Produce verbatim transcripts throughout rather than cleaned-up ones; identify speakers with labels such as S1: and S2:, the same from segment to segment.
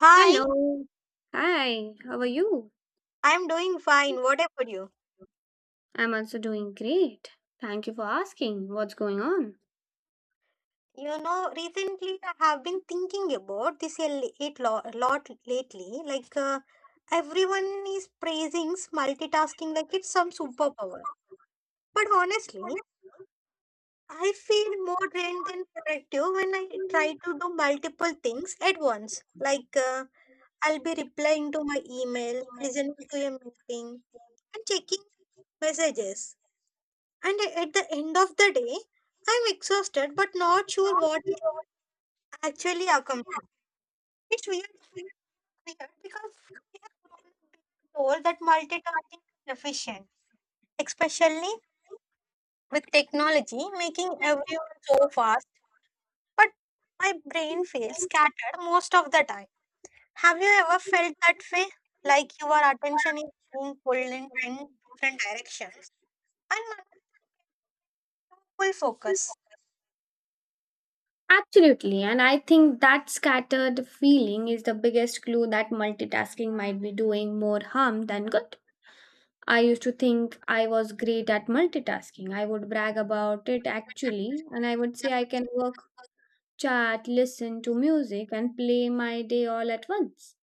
S1: Hi,
S2: Hello. Hi, how are you?
S1: I'm doing fine. What about you?
S2: I'm also doing great. Thank you for asking. What's going on?
S1: You know, recently I have been thinking about this a li- it lo- lot lately. Like, uh, everyone is praising multitasking like it's some superpower. But honestly, I feel more drained than productive when I try to do multiple things at once. Like, uh, I'll be replying to my email, listening to a meeting, and checking messages. And at the end of the day, I'm exhausted but not sure what I actually accomplished. It's weird, weird because we have grown up being told that multitasking is efficient, especially with technology making everyone so fast. But my brain feels scattered most of the time. Have you ever felt that way? Like your attention is being pulled in ten different directions and not full focus.
S2: Absolutely, and I think that scattered feeling is the biggest clue that multitasking might be doing more harm than good. I used to think I was great at multitasking. I would brag about it actually, and I would say I can work, chat, listen to music, and play my day all at once.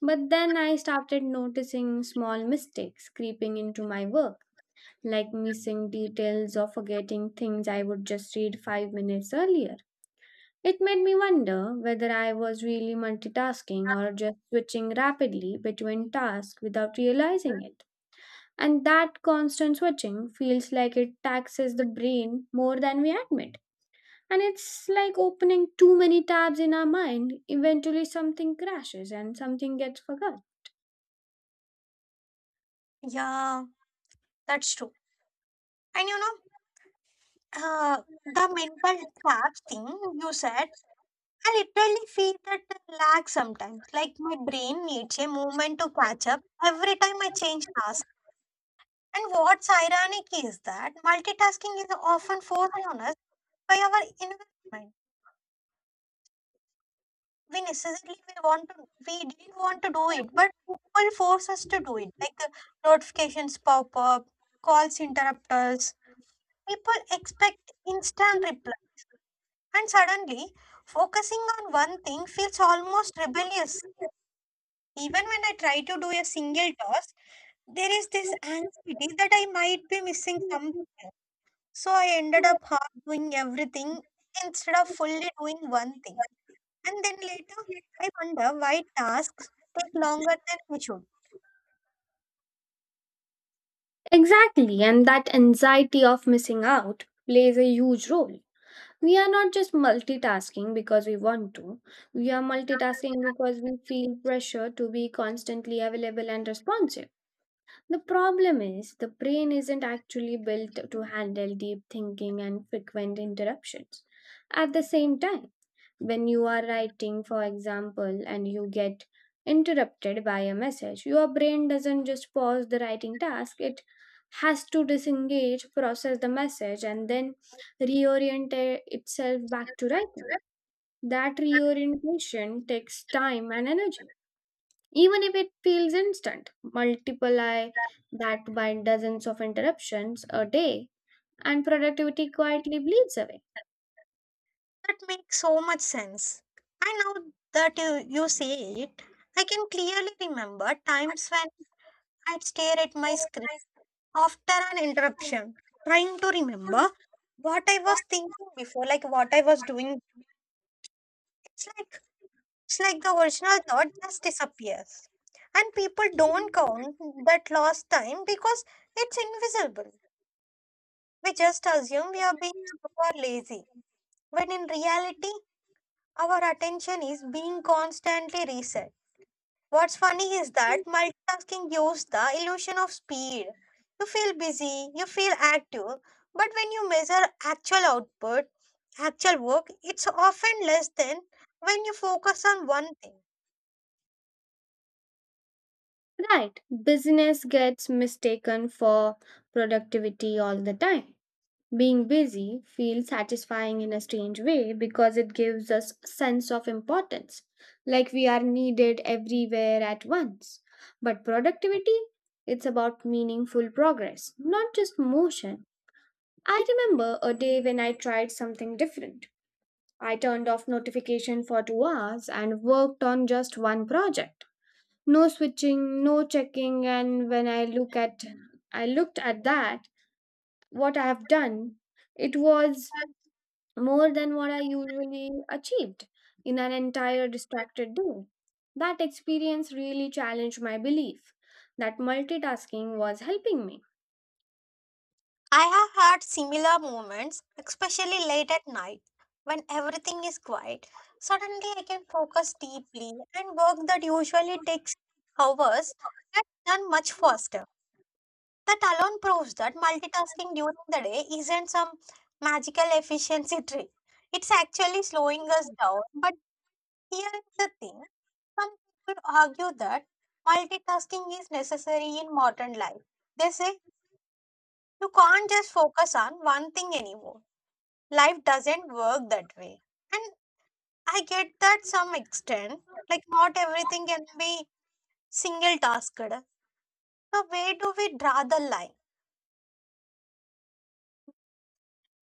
S2: But then I started noticing small mistakes creeping into my work like missing details or forgetting things I would just read five minutes earlier. It made me wonder whether I was really multitasking or just switching rapidly between tasks without realizing it. And that constant switching feels like it taxes the brain more than we admit. And it's like opening too many tabs in our mind, eventually something crashes and something gets forgotten.
S1: Yeah, that's true. And you know, Uh, the mental traps thing you said, I literally feel that lag sometimes. Like my brain needs a moment to catch up every time I change tasks. And what's ironic is that multitasking is often forced on us by our environment. We necessarily we want to we didn't want to do it, but people force us to do it. Like uh, notifications pop up, calls interrupt us. People expect instant replies. And suddenly, focusing on one thing feels almost rebellious. Even when I try to do a single task, there is this anxiety that I might be missing something. So I ended up half doing everything instead of fully doing one thing. And then later, I wonder why tasks take longer than they should.
S2: Exactly, and that anxiety of missing out plays a huge role. We are not just multitasking because we want to. We are multitasking because we feel pressure to be constantly available and responsive. The problem is the brain isn't actually built to handle deep thinking and frequent interruptions at the same time. When you are writing, for example, and you get interrupted by a message, your brain doesn't just pause the writing task, it has to disengage, process the message, and then reorient i- itself back to writing. That reorientation takes time and energy. Even if it feels instant, multiply that by dozens of interruptions a day, and productivity quietly bleeds away.
S1: That makes so much sense. I know that you, you say it. I can clearly remember times when I'd stare at my screen after an interruption, trying to remember what I was thinking before, like what I was doing. It's like it's like the original thought just disappears. And people don't count that lost time because it's invisible. We just assume we are being super lazy, when in reality our attention is being constantly reset. What's funny is that multitasking gives the illusion of speed. You feel busy, you feel active, but when you measure actual output, actual work, it's often less than when you focus on one thing.
S2: Right. Business gets mistaken for productivity all the time. Being busy feels satisfying in a strange way because it gives us a sense of importance, like we are needed everywhere at once. But productivity, it's about meaningful progress, not just motion. I remember a day when I tried something different. I turned off notification for two hours and worked on just one project, no switching, no checking, and when I look at I looked at that, what I have done, it was more than what I usually achieved in an entire distracted day. That experience really challenged my belief that multitasking was helping me.
S1: I have had similar moments, especially late at night when everything is quiet. Suddenly, I can focus deeply and work that usually takes hours gets done much faster. That alone proves that multitasking during the day isn't some magical efficiency trick. It's actually slowing us down. But here is the thing, some people argue that multitasking is necessary in modern life. They say you can't just focus on one thing anymore. Life doesn't work that way. And I get that some extent, like not everything can be single tasked. So, where do we draw the line?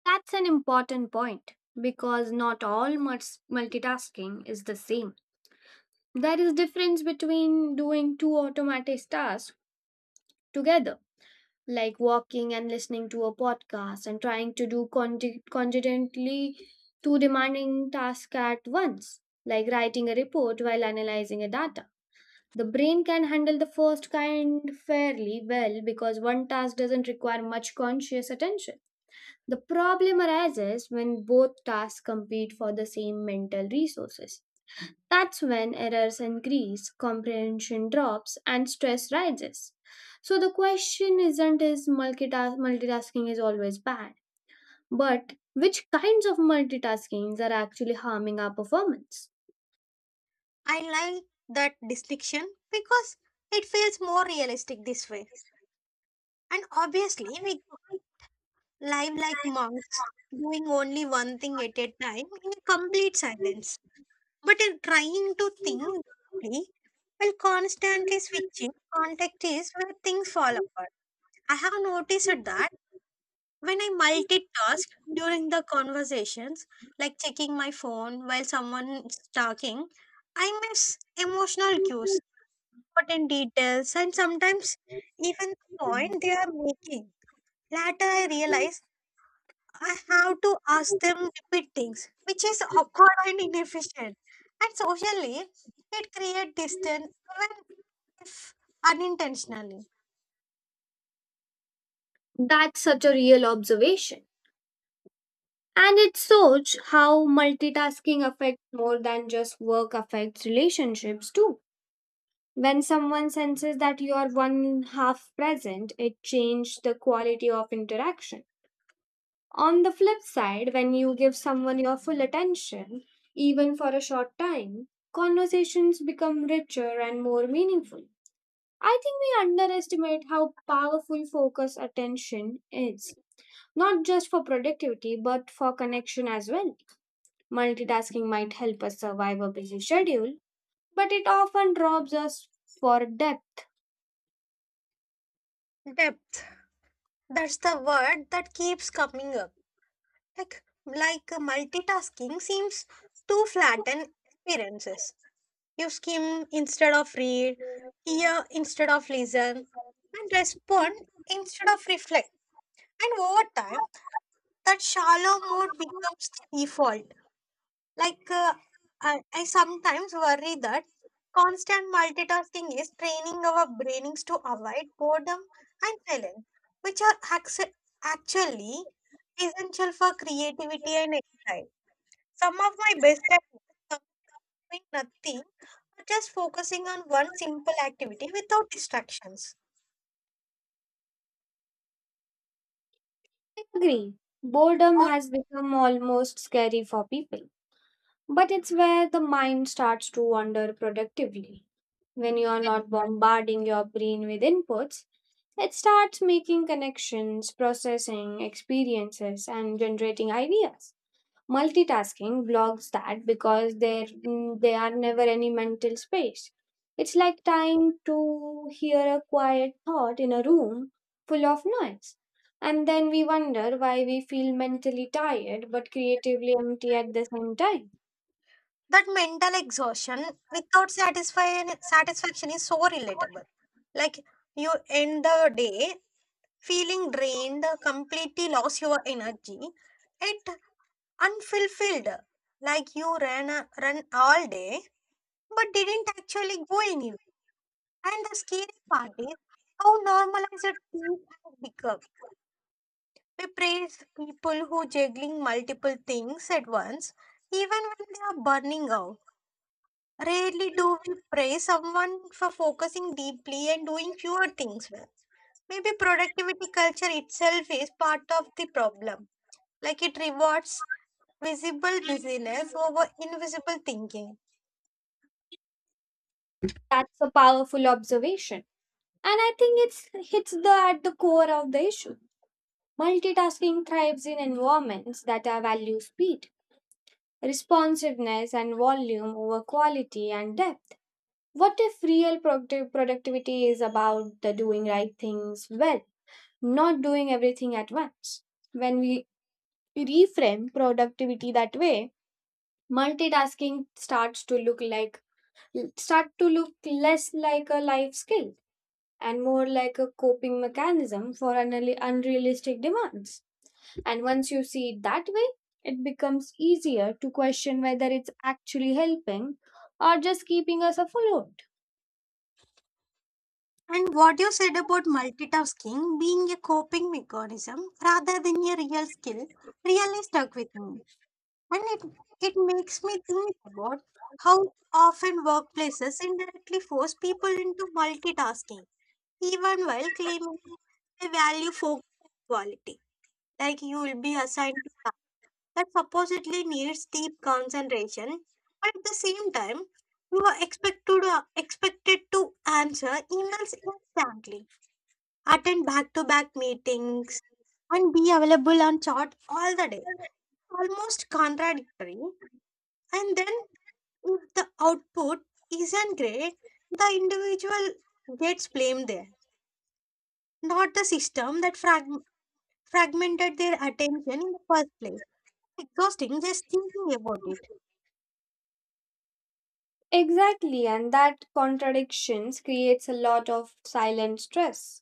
S2: That's an important point because not all mul- multitasking is the same. There is difference between doing two automatic tasks together, like walking and listening to a podcast, and trying to do conti- congenitally two demanding tasks at once, like writing a report while analyzing a data. The brain can handle the first kind fairly well because one task doesn't require much conscious attention. The problem arises when both tasks compete for the same mental resources. That's when errors increase, comprehension drops, and stress rises. So the question isn't is multitask- multitasking is always bad, but which kinds of multitaskings are actually harming our performance?
S1: I like that distinction because it feels more realistic this way. And obviously, we live like monks, doing only one thing at a time in complete silence. But in trying to think deeply, while constantly switching, context is where things fall apart. I have noticed that when I multitask during the conversations, like checking my phone while someone is talking, I miss emotional cues, important details, and sometimes even the point they are making. Later, I realize I have to ask them repeat things, which is awkward and inefficient. And socially, it creates distance even if unintentionally.
S2: That's such a real observation. And it shows how multitasking affects more than just work, affects relationships too. When someone senses that you are one half present, it changes the quality of interaction. On the flip side, when you give someone your full attention, even for a short time, conversations become richer and more meaningful. I think we underestimate how powerful focus attention is, not just for productivity, but for connection as well. Multitasking might help us survive a busy schedule, but it often robs us for depth.
S1: Depth. That's the word that keeps coming up. Like, like multitasking seems to flatten experiences. You skim instead of read, hear instead of listen, and respond instead of reflect. And over time, that shallow mode becomes the default. Like, uh, I, I sometimes worry that constant multitasking is training our brains to avoid boredom and silence, which are acc- actually essential for creativity and insight. Some of my best ideas doing nothing, or just focusing on one simple activity without distractions.
S2: Agree. Boredom
S1: Or-
S2: has become almost scary for people. But it's where the mind starts to wander productively. When you are not bombarding your brain with inputs, it starts making connections, processing experiences, and generating ideas. Multitasking blocks that because there mm, there are never any mental space. It's like trying to hear a quiet thought in a room full of noise. And then we wonder why we feel mentally tired but creatively empty at the same time.
S1: That mental exhaustion without satisfying satisfaction is so relatable. Like you end the day feeling drained, completely lost your energy, it unfulfilled. Like you ran a- run all day but didn't actually go anywhere. And the scary part is how normalized it has become. We praise people who juggling multiple things at once, even when they are burning out. Rarely do we praise someone for focusing deeply and doing fewer things well. Maybe productivity culture itself is part of the problem. Like it rewards visible busyness over invisible thinking.
S2: That's a powerful observation. And I think it's hits the at the core of the issue. Multitasking thrives in environments that are value speed, responsiveness and volume over quality and depth. What if real productive productivity is about the doing right things well, not doing everything at once? When we reframe productivity that way, multitasking starts to look like start to look less like a life skill and more like a coping mechanism for unreal- unrealistic demands. And once you see it that way, it becomes easier to question whether it's actually helping or just keeping us afloat.
S1: And what you said about multitasking being a coping mechanism rather than a real skill really stuck with me. And it, it makes me think about how often workplaces indirectly force people into multitasking, even while claiming they value focus and quality. Like you will be assigned to task that supposedly needs deep concentration, but at the same time, you are expected to, expected to answer emails instantly, attend back-to-back meetings, and be available on chat all the day. Almost contradictory. And then if the output isn't great, the individual gets blamed there, not the system that frag- fragmented their attention in the first place. Exhausting just thinking about it.
S2: Exactly, and that contradictions creates a lot of silent stress.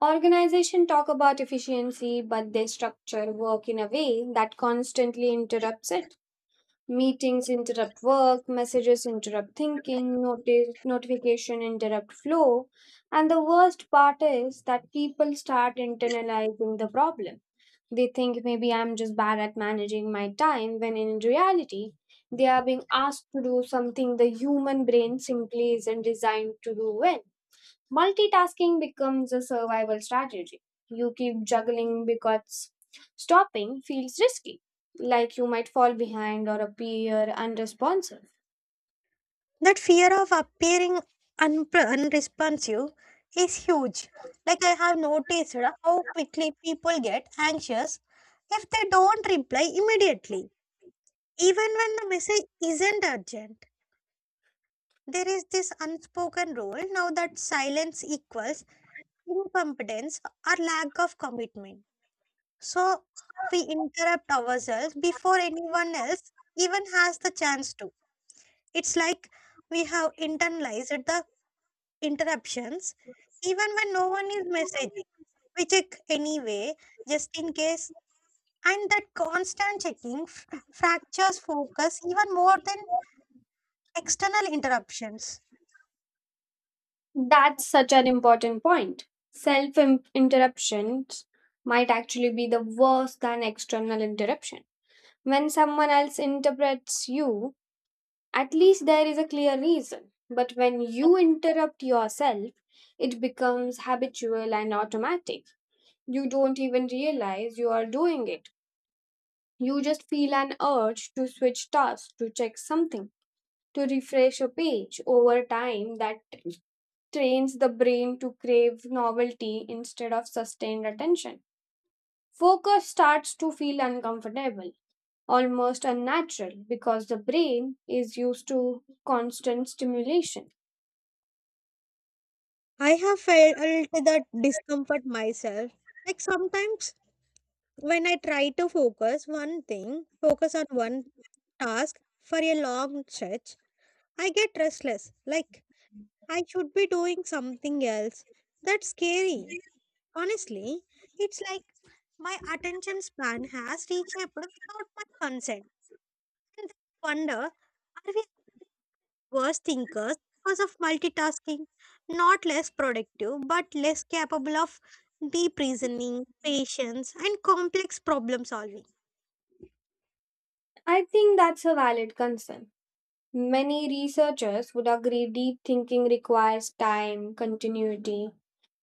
S2: Organizations talk about efficiency, but they structure work in a way that constantly interrupts it. Meetings interrupt work, messages interrupt thinking, notice, notification interrupt flow, and the worst part is that people start internalizing the problem. They think maybe I'm just bad at managing my time when in reality they are being asked to do something the human brain simply isn't designed to do well. Multitasking becomes a survival strategy. You keep juggling because stopping feels risky, like you might fall behind or appear unresponsive.
S1: That fear of appearing un- unresponsive is huge. Like I have noticed uh, how quickly people get anxious if they don't reply immediately, even when the message isn't urgent. There is this unspoken rule now that silence equals incompetence or lack of commitment. So we interrupt ourselves before anyone else even has the chance to. It's like we have internalized the interruptions even when no one is messaging. We check anyway, just in case. And that constant checking f- fractures focus even more than external interruptions.
S2: That's such an important point. Self interruptions might actually be the worst than external interruption. When someone else interprets you, at least there is a clear reason. But when you interrupt yourself, it becomes habitual and automatic. You don't even realize you are doing it. You just feel an urge to switch tasks, to check something, to refresh a page. Over time, that trains the brain to crave novelty instead of sustained attention. Focus starts to feel uncomfortable, almost unnatural, because the brain is used to constant stimulation.
S1: I have felt that discomfort myself. Like sometimes when I try to focus one thing, focus on one task for a long stretch, I get restless, like I should be doing something else. That's scary. Honestly, it's like my attention span has reshaped without my consent. And I wonder, are we worse thinkers because of multitasking, not less productive, but less capable of deep reasoning, patience, and complex problem solving.
S2: I think that's a valid concern. Many researchers would agree deep thinking requires time, continuity,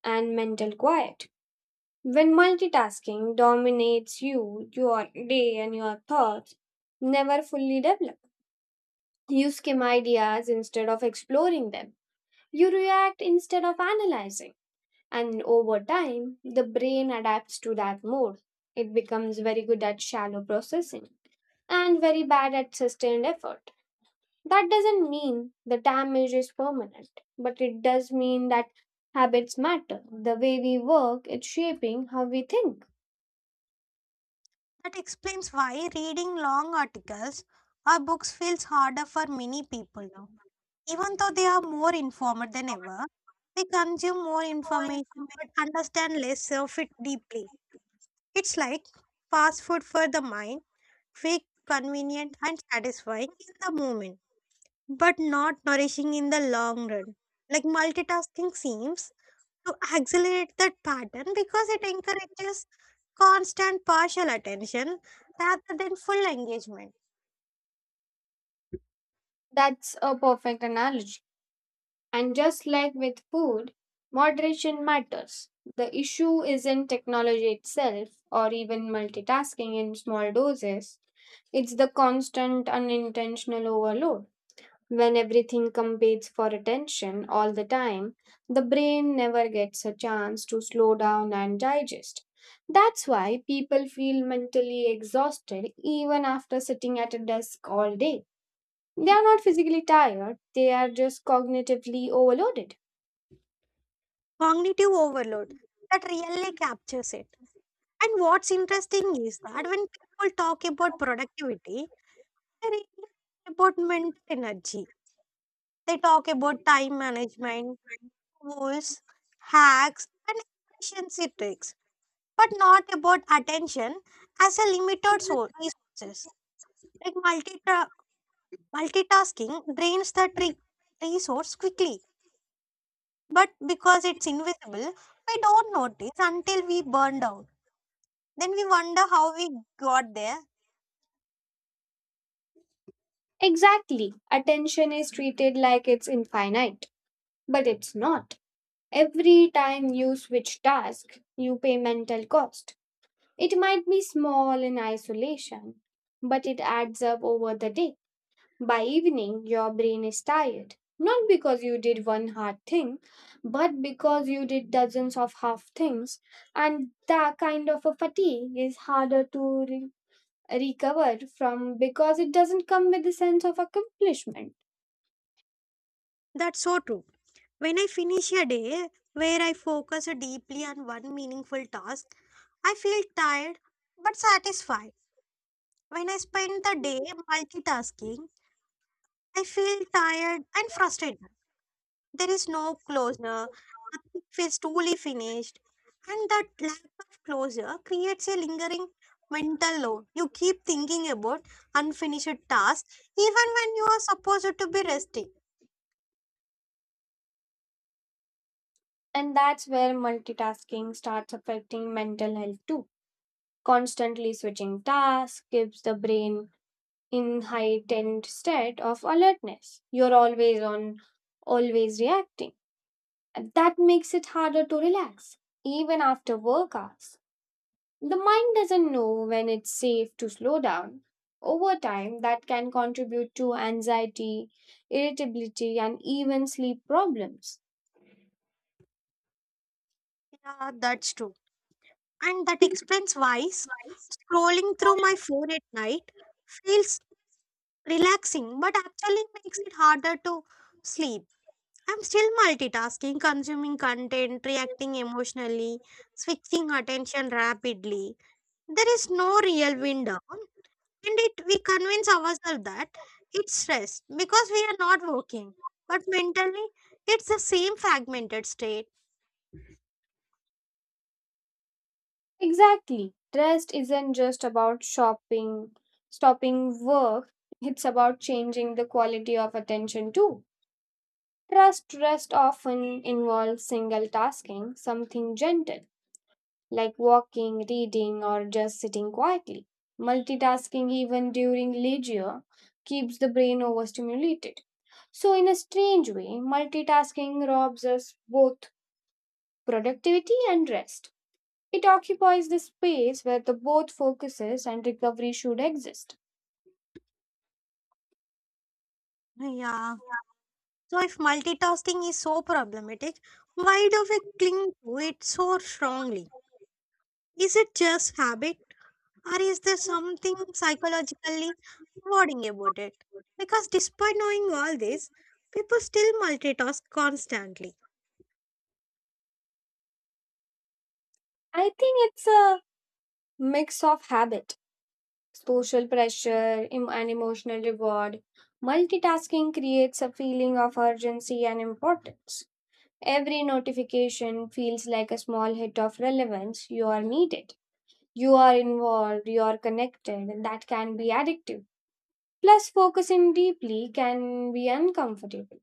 S2: and mental quiet. When multitasking dominates you, your day and your thoughts never fully develop. You skim ideas instead of exploring them. You react instead of analyzing. And over time, the brain adapts to that mode. It becomes very good at shallow processing and very bad at sustained effort. That doesn't mean the damage is permanent, but it does mean that habits matter. The way we work is shaping how we think.
S1: That explains why reading long articles or books feels harder for many people now. Even though they are more informed than ever, they consume more information but understand less of it deeply. It's like fast food for the mind, quick, convenient, and satisfying in the moment, but not nourishing in the long run. Like multitasking seems to accelerate that pattern because it encourages constant partial attention rather than full engagement.
S2: That's a perfect analogy. And just like with food, moderation matters. The issue isn't technology itself or even multitasking in small doses, it's the constant unintentional overload. When everything competes for attention all the time, the brain never gets a chance to slow down and digest. That's why people feel mentally exhausted even after sitting at a desk all day. They are not physically tired, they are just cognitively overloaded.
S1: Cognitive overload, that really captures it. And what's interesting is that when people talk about productivity, they really talk about mental energy. They talk about time management, tools, hacks, and efficiency tricks, but not about attention as a limited source resources. Like multita- multitasking drains the tri- resource quickly, but because it's invisible, we don't notice until we burn out. Then we wonder how we got there.
S2: Exactly, attention is treated like it's infinite, but it's not. Every time you switch task, you pay mental cost. It might be small in isolation, but it adds up over the day. By evening, your brain is tired. Not because you did one hard thing, but because you did dozens of half things, and that kind of a fatigue is harder to re- recover from because it doesn't come with a sense of accomplishment.
S1: That's so true. When I finish a day where I focus deeply on one meaningful task, I feel tired but satisfied. When I spend the day multitasking, I feel tired and frustrated. There is no closure, nothing feels truly finished, and that lack of closure creates a lingering mental load. You keep thinking about unfinished tasks even when you are supposed to be resting.
S2: And that's where multitasking starts affecting mental health too. Constantly switching tasks gives the brain in heightened state of alertness. You're always on, always reacting. And that makes it harder to relax, even after work hours. The mind doesn't know when it's safe to slow down. Over time, that can contribute to anxiety, irritability, and even sleep problems.
S1: Yeah, that's true. And that explains why s- scrolling through my phone at night feels relaxing but actually makes it harder to sleep. I'm still multitasking, consuming content, reacting emotionally, switching attention rapidly. There is no real window, and it we convince ourselves that it's rest because we are not working, but mentally it's the same fragmented state.
S2: Exactly. Rest isn't just about shopping, stopping work, it's about changing the quality of attention too. Trust rest often involves single tasking, something gentle, like walking, reading, or just sitting quietly. Multitasking, even during leisure, keeps the brain overstimulated. So, in a strange way, multitasking robs us both productivity and rest. It occupies the space where the both focuses and recovery should exist.
S1: Yeah. So if multitasking is so problematic, why do we cling to it so strongly? Is it just habit or is there something psychologically rewarding about it? Because despite knowing all this, people still multitask constantly.
S2: I think it's a mix of habits, social pressure, em- and emotional reward. Multitasking creates a feeling of urgency and importance. Every notification feels like a small hit of relevance. You are needed, you are involved, you are connected. That can be addictive. Plus, focusing deeply can be uncomfortable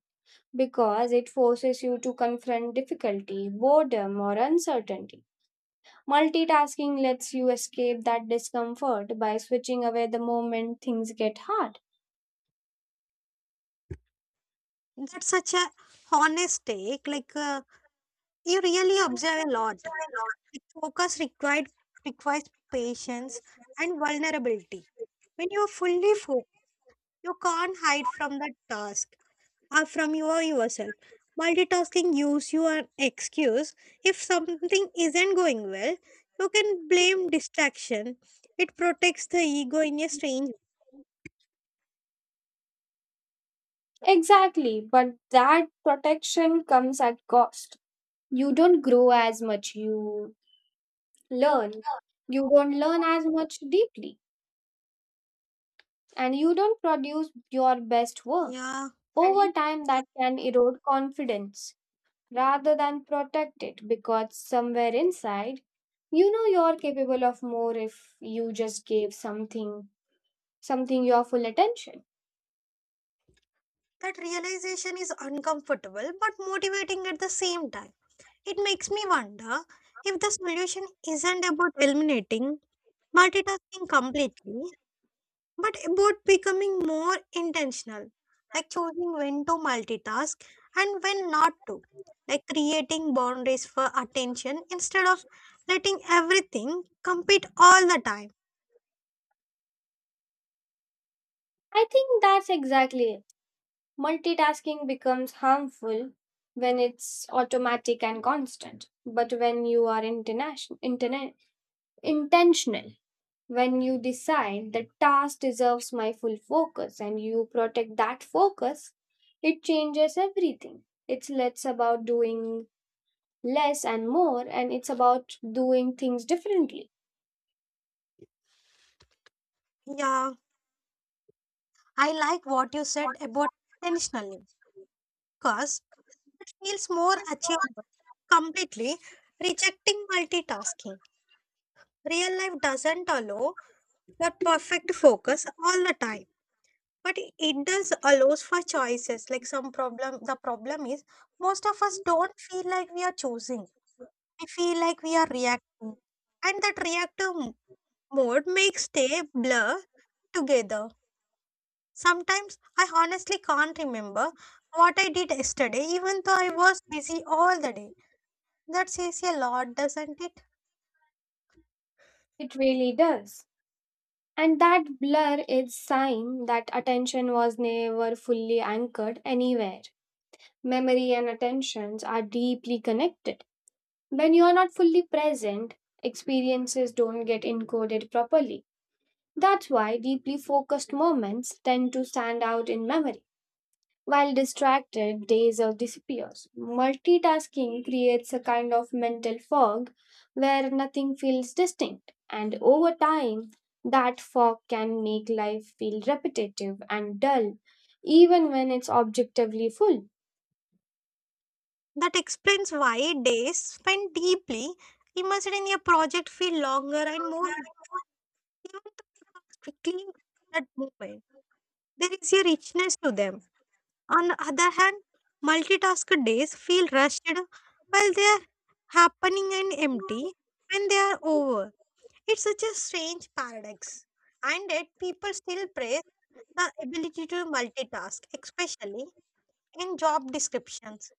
S2: because it forces you to confront difficulty, boredom, or uncertainty. Multitasking lets you escape that discomfort by switching away the moment things get hard.
S1: That's such a honest take. Like uh, you really observe a lot. Like, focus required requires patience and vulnerability. When you are fully focused, you can't hide from the task or from your yourself. Multitasking gives you an excuse. If something isn't going well, you can blame distraction. It protects the ego in a strange.
S2: Exactly, but that protection comes at cost. You don't grow as much, you learn. You don't learn as much deeply, and you don't produce your best work.
S1: Yeah. And
S2: Over
S1: you
S2: time, that can erode confidence rather than protect it because somewhere inside, you know you're capable of more if you just gave something, something your full attention.
S1: that realization is uncomfortable but motivating at the same time. It makes me wonder if the solution isn't about eliminating multitasking completely, but about becoming more intentional, like choosing when to multitask and when not to, like creating boundaries for attention instead of letting everything compete all the time.
S2: I think that's exactly it. Multitasking becomes harmful when it's automatic and constant, but when you are international, interna- intentional, when you decide the task deserves my full focus and you protect that focus, it changes everything. It's less about doing less and more, and it's about doing things differently.
S1: Yeah, I like what you said about intentionally because it feels more achievable. Completely rejecting multitasking. Real life doesn't allow that perfect focus all the time, but it does allows for choices, like some problem the problem is most of us don't feel like we are choosing, we feel like we are reacting, and that reactive m- mode makes day blur together. Sometimes I honestly can't remember what I did yesterday even though I was busy all the day. That says a lot, doesn't it?
S2: It really does. And that blur is sign that attention was never fully anchored anywhere. Memory and attentions are deeply connected. When you are not fully present, experiences don't get encoded properly. That's why deeply focused moments tend to stand out in memory, while distracted days or disappears. Multitasking creates a kind of mental fog where nothing feels distinct, and over time, that fog can make life feel repetitive and dull, even when it's objectively full.
S1: That explains why days spent deeply immersed in a project feel longer and more even though it was quickly that moment. There is a richness to them. On the other hand, multitask days feel rushed while they are happening and empty when they are over. It's such a strange paradox. And yet, people still praise the ability to multitask, especially in job descriptions.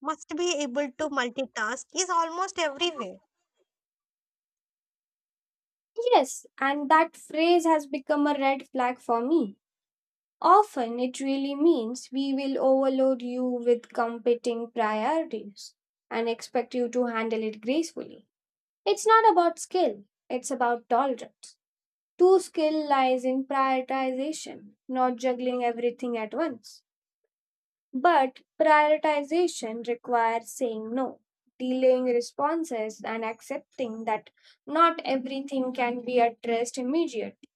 S1: Must be able to multitask is almost everywhere.
S2: Yes, and that phrase has become a red flag for me. Often it really means we will overload you with competing priorities and expect you to handle it gracefully. It's not about skill, it's about tolerance. True skill lies in prioritization, not juggling everything at once. But prioritization requires saying no, delaying responses, and accepting that not everything can be addressed immediately.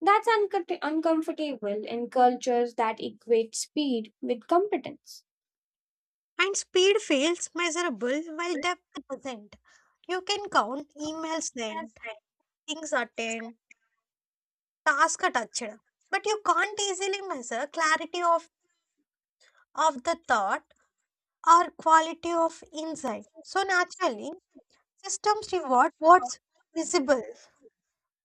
S2: That's uncomfort- uncomfortable in cultures that equate speed with competence.
S1: And speed feels measurable while depth doesn't. You can count emails sent, things attend, task attached, but you can't easily measure clarity of, of the thought or quality of insight. So naturally systems reward what's visible.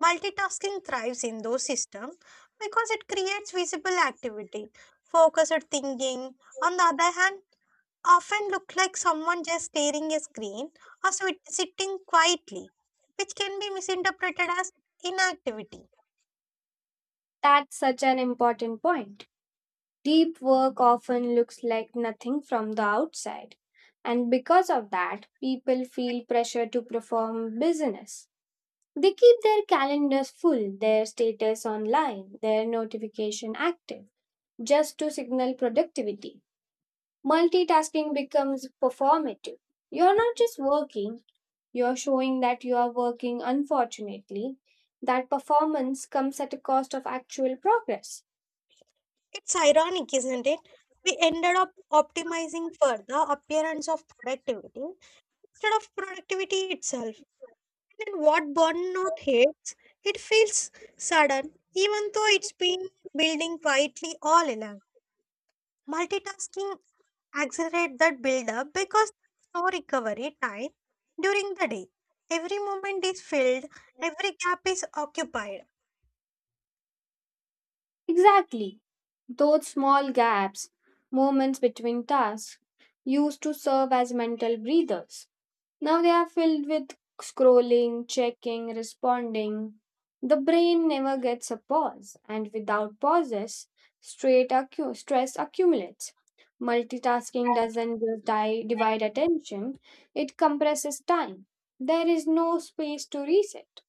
S1: Multitasking thrives in those systems because it creates visible activity. Focused thinking, on the other hand, often look like someone just staring a screen or sit- sitting quietly, which can be misinterpreted as inactivity.
S2: That's such an important point. Deep work often looks like nothing from the outside. And because of that, people feel pressure to perform business. They keep their calendars full, their status online, their notification active, just to signal productivity. Multitasking becomes performative. You're not just working, you're showing that you are working. Unfortunately, that performance comes at a cost of actual progress.
S1: It's ironic, isn't it? We ended up optimizing for the appearance of productivity instead of productivity itself. And what burnout hates, it feels sudden, even though it's been building quietly all along. Multitasking accelerates that buildup because there's no recovery time during the day. Every moment is filled, every gap is occupied.
S2: Exactly. Those small gaps, moments between tasks, used to serve as mental breathers. Now they are filled with scrolling, checking, responding. The brain never gets a pause, and without pauses, straight accu- stress accumulates. Multitasking doesn't just di- divide attention, it compresses time. There is no space to reset.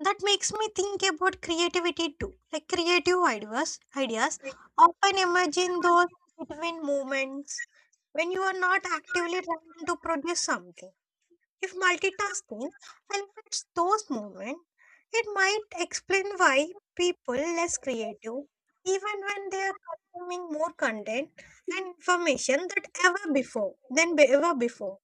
S1: That makes me think about creativity too. Like creative ideas, ideas often imagine those between moments when you are not actively trying to produce something. If multitasking eliminates those moments, it might explain why people less creative even when they are consuming more content and information than ever before than be- ever before.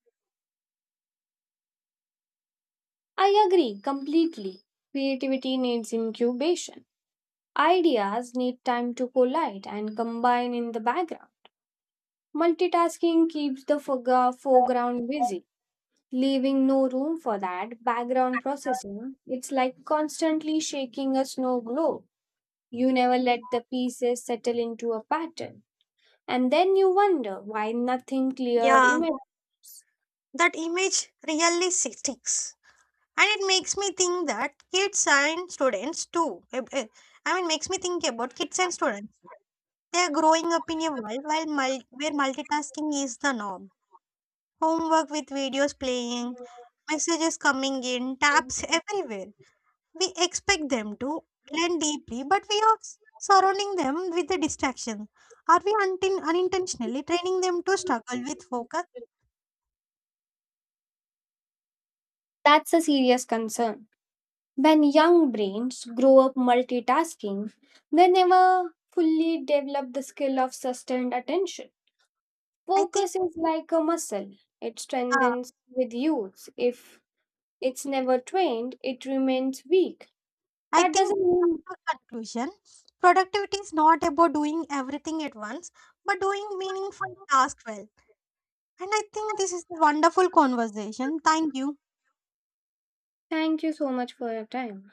S2: I agree completely. Creativity needs incubation. Ideas need time to collide and combine in the background. Multitasking keeps the forega- foreground busy, leaving no room for that background processing. It's like constantly shaking a snow globe. You never let the pieces settle into a pattern. And then you wonder why nothing clear
S1: Yeah,
S2: emerges.
S1: that image really sticks. And it makes me think that kids and students too eh, eh, i mean makes me think about kids and students. They are growing up in a world while mul- where multitasking is the norm. Homework with videos playing, messages coming in taps everywhere. We expect them to learn deeply but we are s- surrounding them with the distraction. Are we untin unintentionally training them to struggle with focus?
S2: That's a serious concern. When young brains grow up multitasking, they never fully develop the skill of sustained attention.
S1: i think
S2: Focus is like a muscle, it
S1: uh,
S2: strengthens with use. If it's never trained, it remains weak.
S1: I
S2: That
S1: think
S2: doesn't mean
S1: in conclusion, productivity is not about doing everything at once, but doing meaningful tasks well. And I think this is a wonderful conversation. Thank you.
S2: thank you so much for your time.